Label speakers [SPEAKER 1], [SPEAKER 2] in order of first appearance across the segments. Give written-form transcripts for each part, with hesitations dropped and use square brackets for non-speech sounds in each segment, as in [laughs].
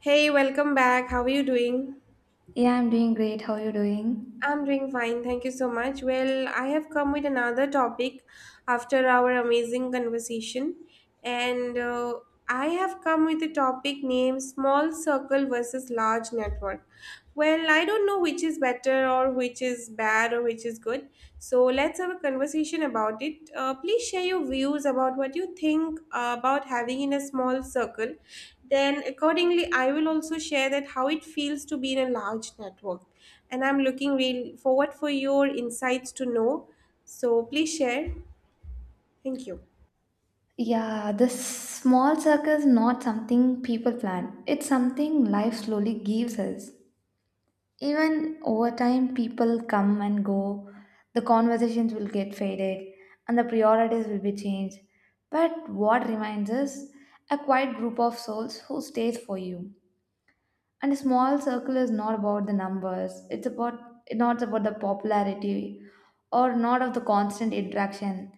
[SPEAKER 1] Hey, welcome back. How are you doing?
[SPEAKER 2] Yeah, I'm doing great. How are you doing?
[SPEAKER 1] I'm doing fine. Thank you so much. Well, I have come with another topic after our amazing conversation. And I have come with a topic named Small Circle versus Large Network. Well, I don't know which is better or which is bad or which is good, so let's have a conversation about it. Please share your views about what you think about having in a small circle. Then, accordingly, I will also share that how it feels to be in a large network. And I'm looking real forward for your insights to know. So please share. Thank you.
[SPEAKER 2] Yeah, this small circle is not something people plan. It's something life slowly gives us. Even over time, people come and go. The conversations will get faded and the priorities will be changed. But what remains is a quiet group of souls who stays for you. And a small circle is not about the numbers. It's not about the popularity or not of the constant interaction.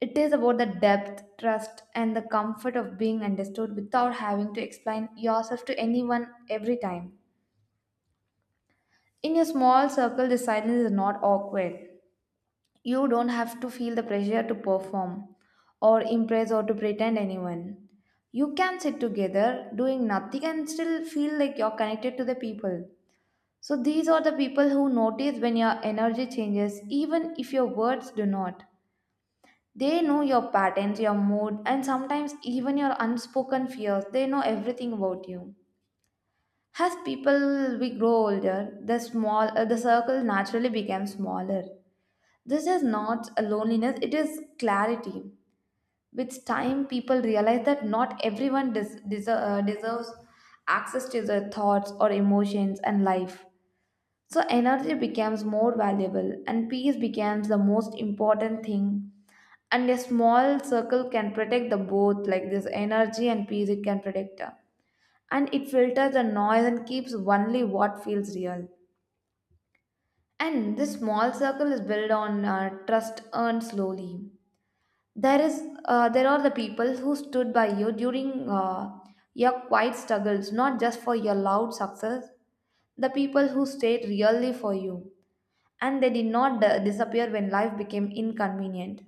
[SPEAKER 2] It is about the depth, trust, and the comfort of being understood without having to explain yourself to anyone every time. In your small circle, the silence is not awkward. You don't have to feel the pressure to perform or impress or to pretend anyone. You can sit together doing nothing and still feel like you're connected to the people. So these are the people who notice when your energy changes, even if your words do not. They know your patterns, your mood, and sometimes even your unspoken fears. They know everything about you. As people we grow older, the circle naturally becomes smaller. This is not a loneliness; it is clarity. With time, people realize that not everyone deserves access to their thoughts or emotions and life. So energy becomes more valuable and peace becomes the most important thing. And a small circle can protect the both, like this energy and peace, it can protect. And it filters the noise and keeps only what feels real. And this small circle is built on trust earned slowly. There are the people who stood by you during your quiet struggles, not just for your loud success. The people who stayed really for you and they did not disappear when life became inconvenient.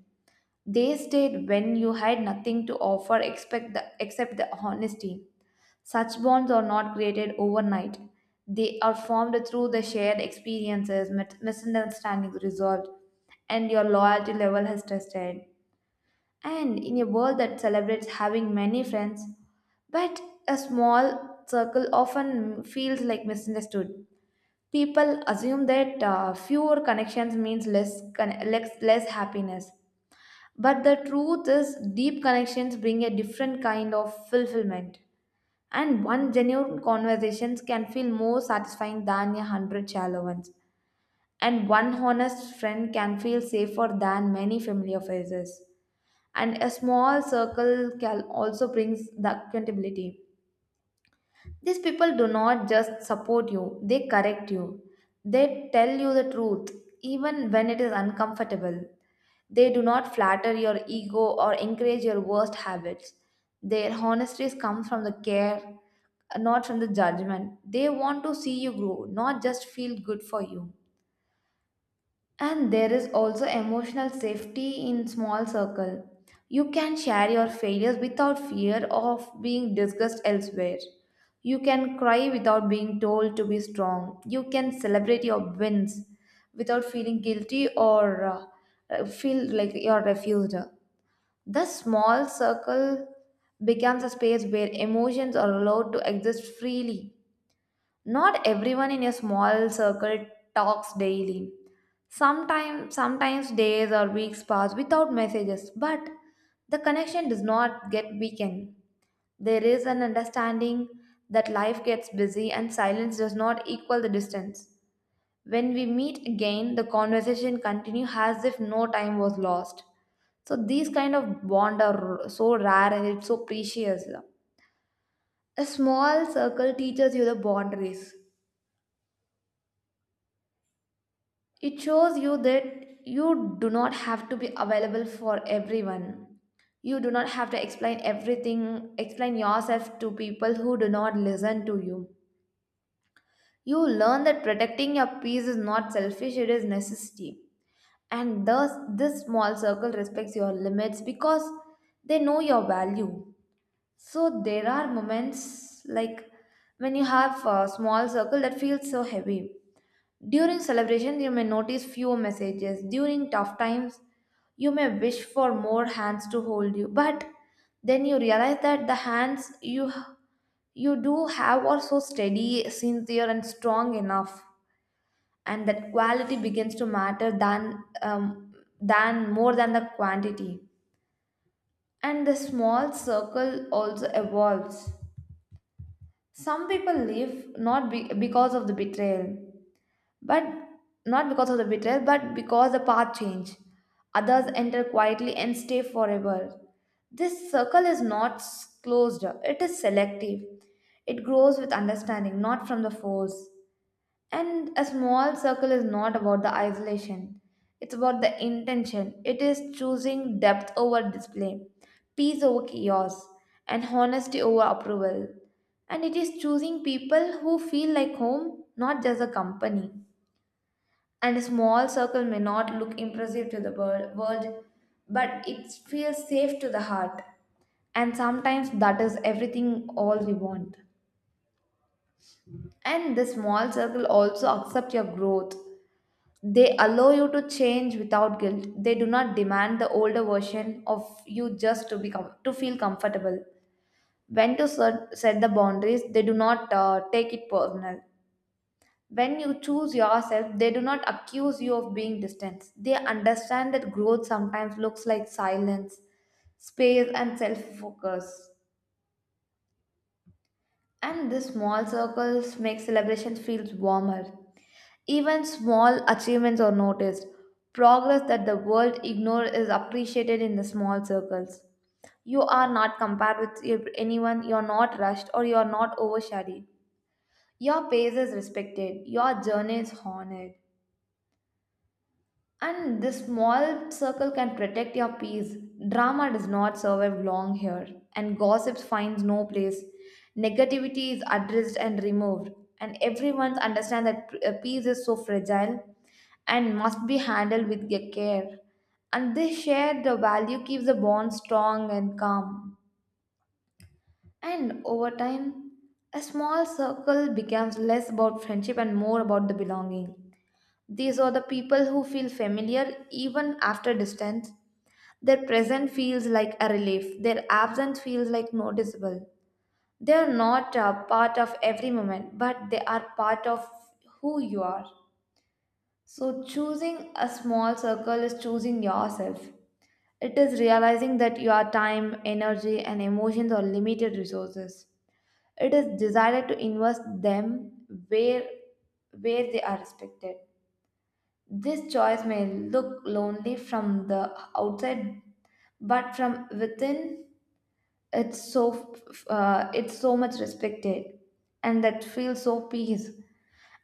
[SPEAKER 2] They stayed when you had nothing to offer except the honesty. Such bonds are not created overnight. They are formed through the shared experiences, misunderstandings resolved, and your loyalty level has tested. And in a world that celebrates having many friends, but a small circle often feels like misunderstood. People assume that fewer connections means less, con- less less happiness, but the truth is deep connections bring a different kind of fulfillment, and one genuine conversations can feel more satisfying than a hundred shallow ones, and one honest friend can feel safer than many familiar faces, and a small circle can also brings the accountability these people do not just support you, they correct you. They tell you the truth, even when it is uncomfortable. They do not flatter your ego or encourage your worst habits. Their honesty comes from the care, not from the judgment. They want to see you grow, not just feel good for you. And there is also emotional safety in small circle. You can share your failures without fear of being discussed elsewhere. You can cry without being told to be strong. You can celebrate your wins without feeling guilty or feel like you're refused. The small circle becomes a space where emotions are allowed to exist freely not everyone in your small circle talks daily. Sometimes days or weeks pass without messages, but the connection does not get weakened. There is an understanding that life gets busy and silence does not equal the distance. When we meet again, the conversation continues as if no time was lost. So these kind of bond are so rare and it's so precious. A small circle teaches you the boundaries. It shows you that you do not have to be available for everyone. You do not have to explain everything, explain yourself to people who do not listen to you. You learn that protecting your peace is not selfish, it is necessity. And thus, this small circle respects your limits because they know your value. So, there are moments like when you have a small circle that feels so heavy during celebration, you may notice fewer messages. During tough times, you may wish for more hands to hold you. But then you realize that the hands you do have are so steady, sincere, and strong enough, and that quality begins to matter than more than the quantity. And the small circle also evolves. Some people leave not be- because of the betrayal but not because of the betrayal, but because the path change. Others enter quietly and stay forever. This circle is not s- closed, it is selective. It grows with understanding, not from the force. And a small circle is not about the isolation, it's about the intention. It is choosing depth over display, peace over chaos, and honesty over approval. And it is choosing people who feel like home, not just a company and a small circle may not look impressive to the world, but it feels safe to the heart. And sometimes that is everything all we want. And the small circle also accept your growth. They allow you to change without guilt. They do not demand the older version of you just to become to feel comfortable. When to set the boundaries, they do not take it personal. When you choose yourself, they do not accuse you of being distant. They understand that growth sometimes looks like silence, space, and self focus. And these small circles make celebrations feel warmer. Even small achievements are noticed. Progress that the world ignores is appreciated in the small circles. You are not compared with anyone, you are not rushed, or you are not overshadowed. Your pace is respected, your journey is honored. And this small circle can protect your peace. Drama does not survive long here, and gossip finds no place. Negativity is addressed and removed, and everyone understands that peace is so fragile and must be handled with care. And this shared value keeps the bond strong and calm. And over time, a small circle becomes less about friendship and more about the belonging. These are the people who feel familiar even after distance. Their presence feels like a relief, their absence feels like noticeable. They are not a part of every moment, but they are part of who you are. So, choosing a small circle is choosing yourself. It is realizing that your time, energy, and emotions are limited resources. It is decided to invest them where they are respected. This choice may look lonely from the outside, but from within, it's so it's so much respected, and that feels so peace.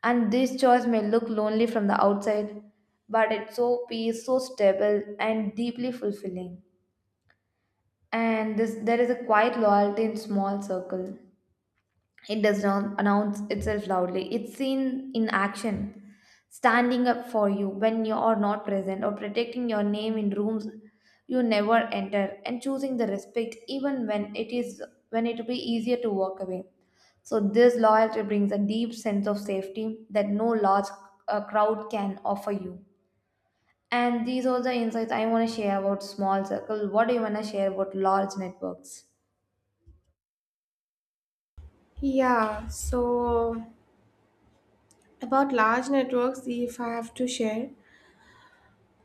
[SPEAKER 2] And this choice may look lonely from the outside, but it's so peace, so stable, and deeply fulfilling. And this, there is a quiet loyalty in small circle. It does not announce itself loudly. It's seen in action, standing up for you when you are not present, or protecting your name in rooms you never enter, and choosing the respect even when it will be easier to walk away. So this loyalty brings a deep sense of safety that no large crowd can offer you. And these are the insights I want to share about small circle. What do you want to share about large networks?
[SPEAKER 1] Yeah, so about large networks, if I have to share,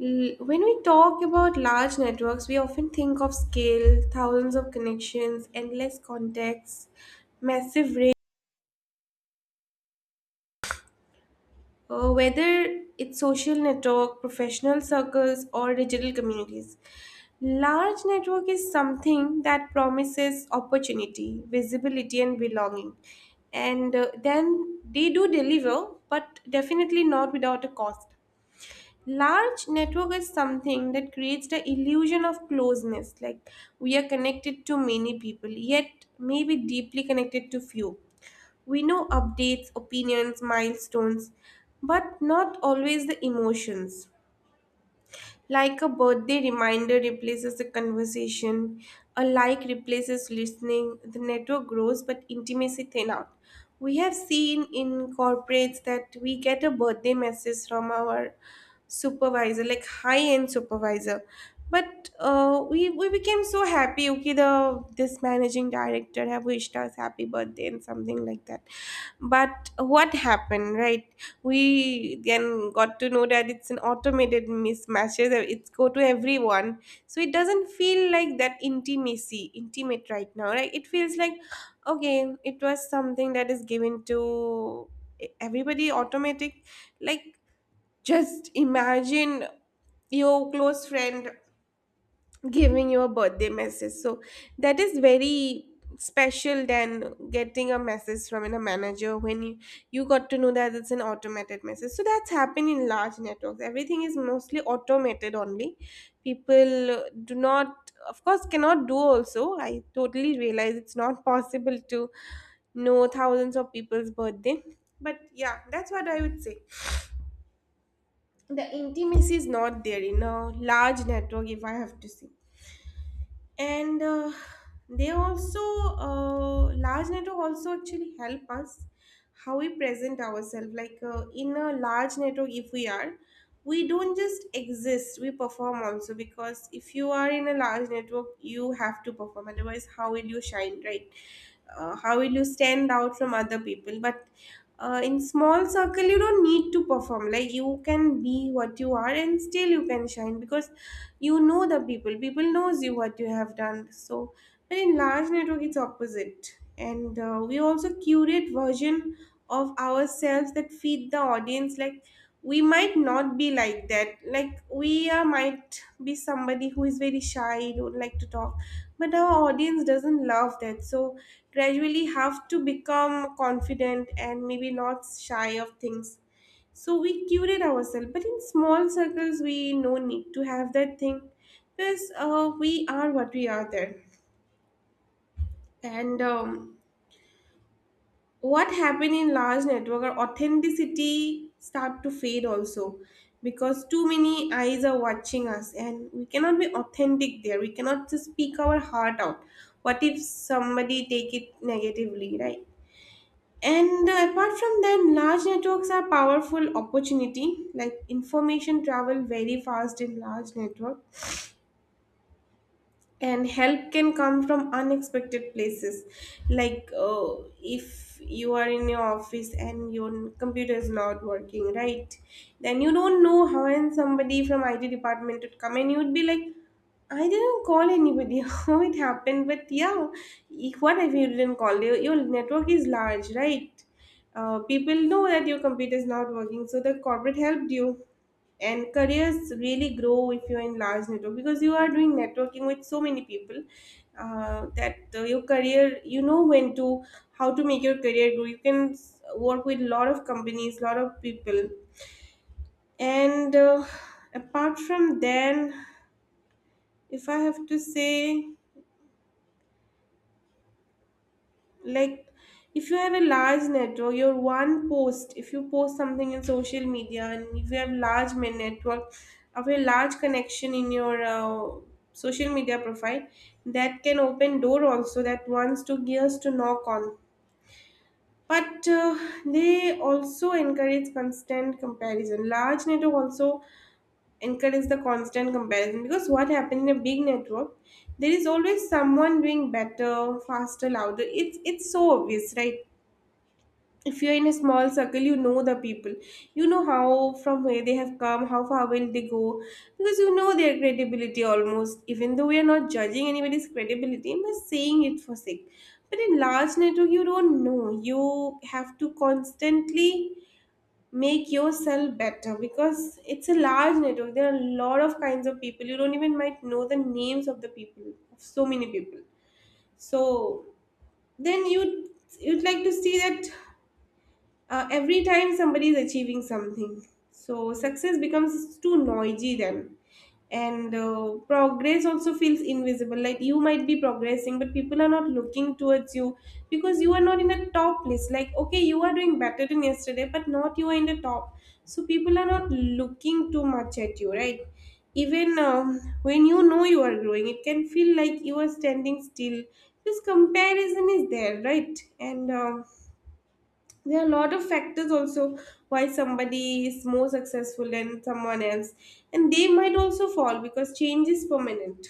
[SPEAKER 1] When we talk about large networks, we often think of scale, thousands of connections, endless contacts, massive reach. Whether it's social network, professional circles, or digital communities, large network is something that promises opportunity, visibility, and belonging. And then they do deliver, but definitely not without a cost. Large network is something that creates the illusion of closeness, like we are connected to many people yet maybe deeply connected to few. We know updates, opinions, milestones, but not always the emotions. Like a birthday reminder replaces a conversation, a like replaces listening, the network grows but intimacy thin out. We have seen in corporates that we get a birthday message from our supervisor, like high end supervisor. But we became so happy, okay, the this managing director have wished us happy birthday and something like that, but what happened, right? We then got to know that it's an automated mismatches, it's go to everyone. So it doesn't feel like that intimacy intimate right now, right? It feels like, okay, it was something that is given to everybody automatic. Like, just imagine your close friend giving you a birthday message. So that is very special than getting a message from a manager when you got to know that it's an automated message. So that's happened in large networks. Everything is mostly automated only. People do not, of course, cannot do also. I totally realize it's not possible to know thousands of people's birthday. But yeah, that's what I would say. The intimacy is not there in a large network, if I have to say. And they also Large network also actually help us how we present ourselves. Like in a large network, if we are we don't just exist, we perform also, because if you are in a large network you have to perform, otherwise how will you shine, right? Uh, how will you stand out from other people? But in small circle you don't need to perform. Like you can be what you are and still you can shine, because you know the people, people knows you what you have done. So but in large network it's opposite, and we also curate version of ourselves that feed the audience. Like we might not be like that, might be somebody who is very shy, don't like to talk, but our audience doesn't love that, so gradually have to become confident and maybe not shy of things. So we curate ourselves, but in small circles, we no need to have that thing because we are what we are there. And What happened in large network or authenticity start to fade also, because too many eyes are watching us and we cannot be authentic there. We cannot just speak our heart out. What if somebody take it negatively, right? And Apart from that, large networks are powerful opportunity. Like information travel very fast in large network, and help can come from unexpected places. Like if you are in your office and your computer is not working, right? Then you don't know how, and somebody from IT department would come and you would be like, I didn't call anybody, [laughs] how it happened? But yeah, what if you didn't call? Your network is large, right? People know that your computer is not working, so the corporate helped you. And careers really grow if you're in large network, because you are doing networking with so many people. That Your career, you know when to, how to make your career grow, you can work with lot of companies, lot of people. And Apart from then, if I have to say, like, if you have a large network, your one post, if you post something in social media and if you have network of a large connection in your social media profile, that can open door also, that wants to gears to knock on. But they also encourage constant comparison. Large network also encourage the constant comparison, because what happens in a big network, there is always someone doing better, faster, louder. It's so obvious, right? If you're in a small circle, you know the people, you know how, from where they have come, how far will they go, because you know their credibility almost, even though we are not judging anybody's credibility, I'm just saying it for sake. But in large network you don't know, you have to constantly make yourself better, because it's a large network, there are a lot of kinds of people. You don't even might know the names of the people, of so many people. So then you'd like to see that every time somebody is achieving something. So success becomes too noisy then. And Progress also feels invisible. Like you might be progressing, but people are not looking towards you because you are not in a top list. Like, okay, you are doing better than yesterday, but not you are in the top. So people are not looking too much at you, right? Even When you know you are growing, it can feel like you are standing still. This comparison is there, right? And There are a lot of factors also why somebody is more successful than someone else, and they might also fall because change is permanent.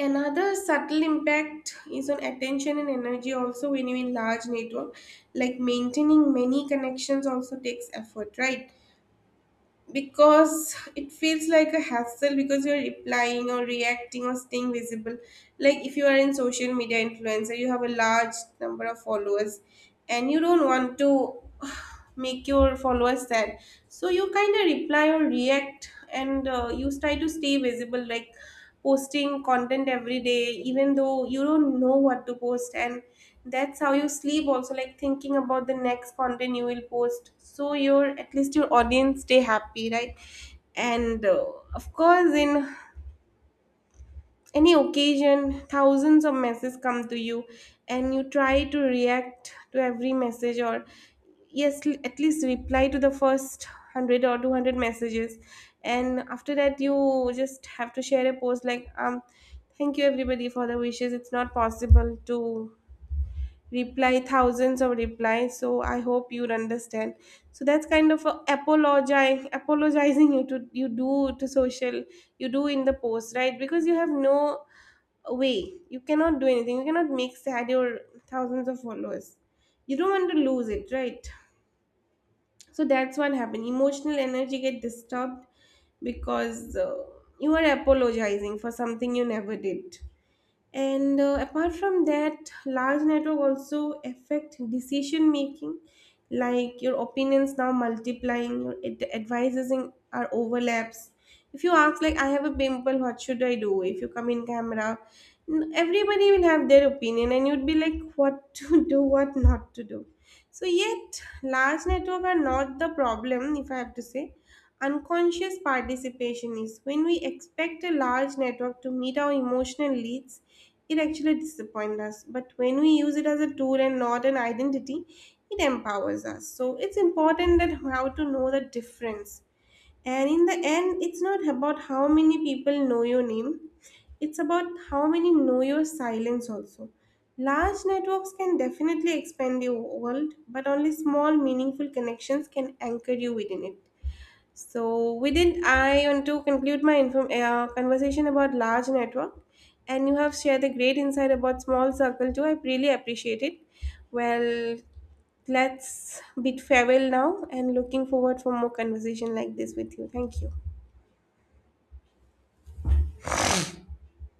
[SPEAKER 1] Another subtle impact is on attention and energy also when you in large network. Like maintaining many connections also takes effort, right? Because it feels like a hassle, because you're replying or reacting or staying visible. Like if you are in social media influencer, you have a large number of followers, and you don't want to [sighs] make your followers sad. So you kind of reply or react, and you try to stay visible, like posting content every day, even though you don't know what to post. And that's how you sleep also, like thinking about the next content you will post, so your, at least your audience stay happy, right? and Of course, in any occasion thousands of messages come to you, and you try to react to every message, or yes, at least reply to the first 100 or 200 messages. And after that you just have to share a post like, um, thank you everybody for the wishes, it's not possible to reply thousands of replies, so I hope you understand. So that's kind of a apologize apologizing you to, you do to social, you do in the post, right? Because you have no away. You cannot do anything. You cannot make sad your thousands of followers. You don't want to lose it, right? So that's what happened. Emotional energy get disturbed because you are apologizing for something you never did. And apart from that, large network also affect decision making. Like your opinions now multiplying, your advices in, are overlaps. If you ask like, I have a pimple, what should I do, if you come in camera, everybody will have their opinion, and you'd be like what [laughs] to do, what not to do. So yet large network are not the problem, if I have to say. Unconscious participation is when we expect a large network to meet our emotional needs, it actually disappoints us. But when we use it as a tool and not an identity, it empowers us. So it's important that how to know the difference. And in the end, it's not about how many people know your name, it's about how many know your silence also. Large networks can definitely expand your world, but only small, meaningful connections can anchor you within it. So, within I want to conclude my conversation about large network, and you have shared a great insight about small circle too. I really appreciate it. Well, let's bid farewell now, and looking forward for more conversation like this with you. Thank you.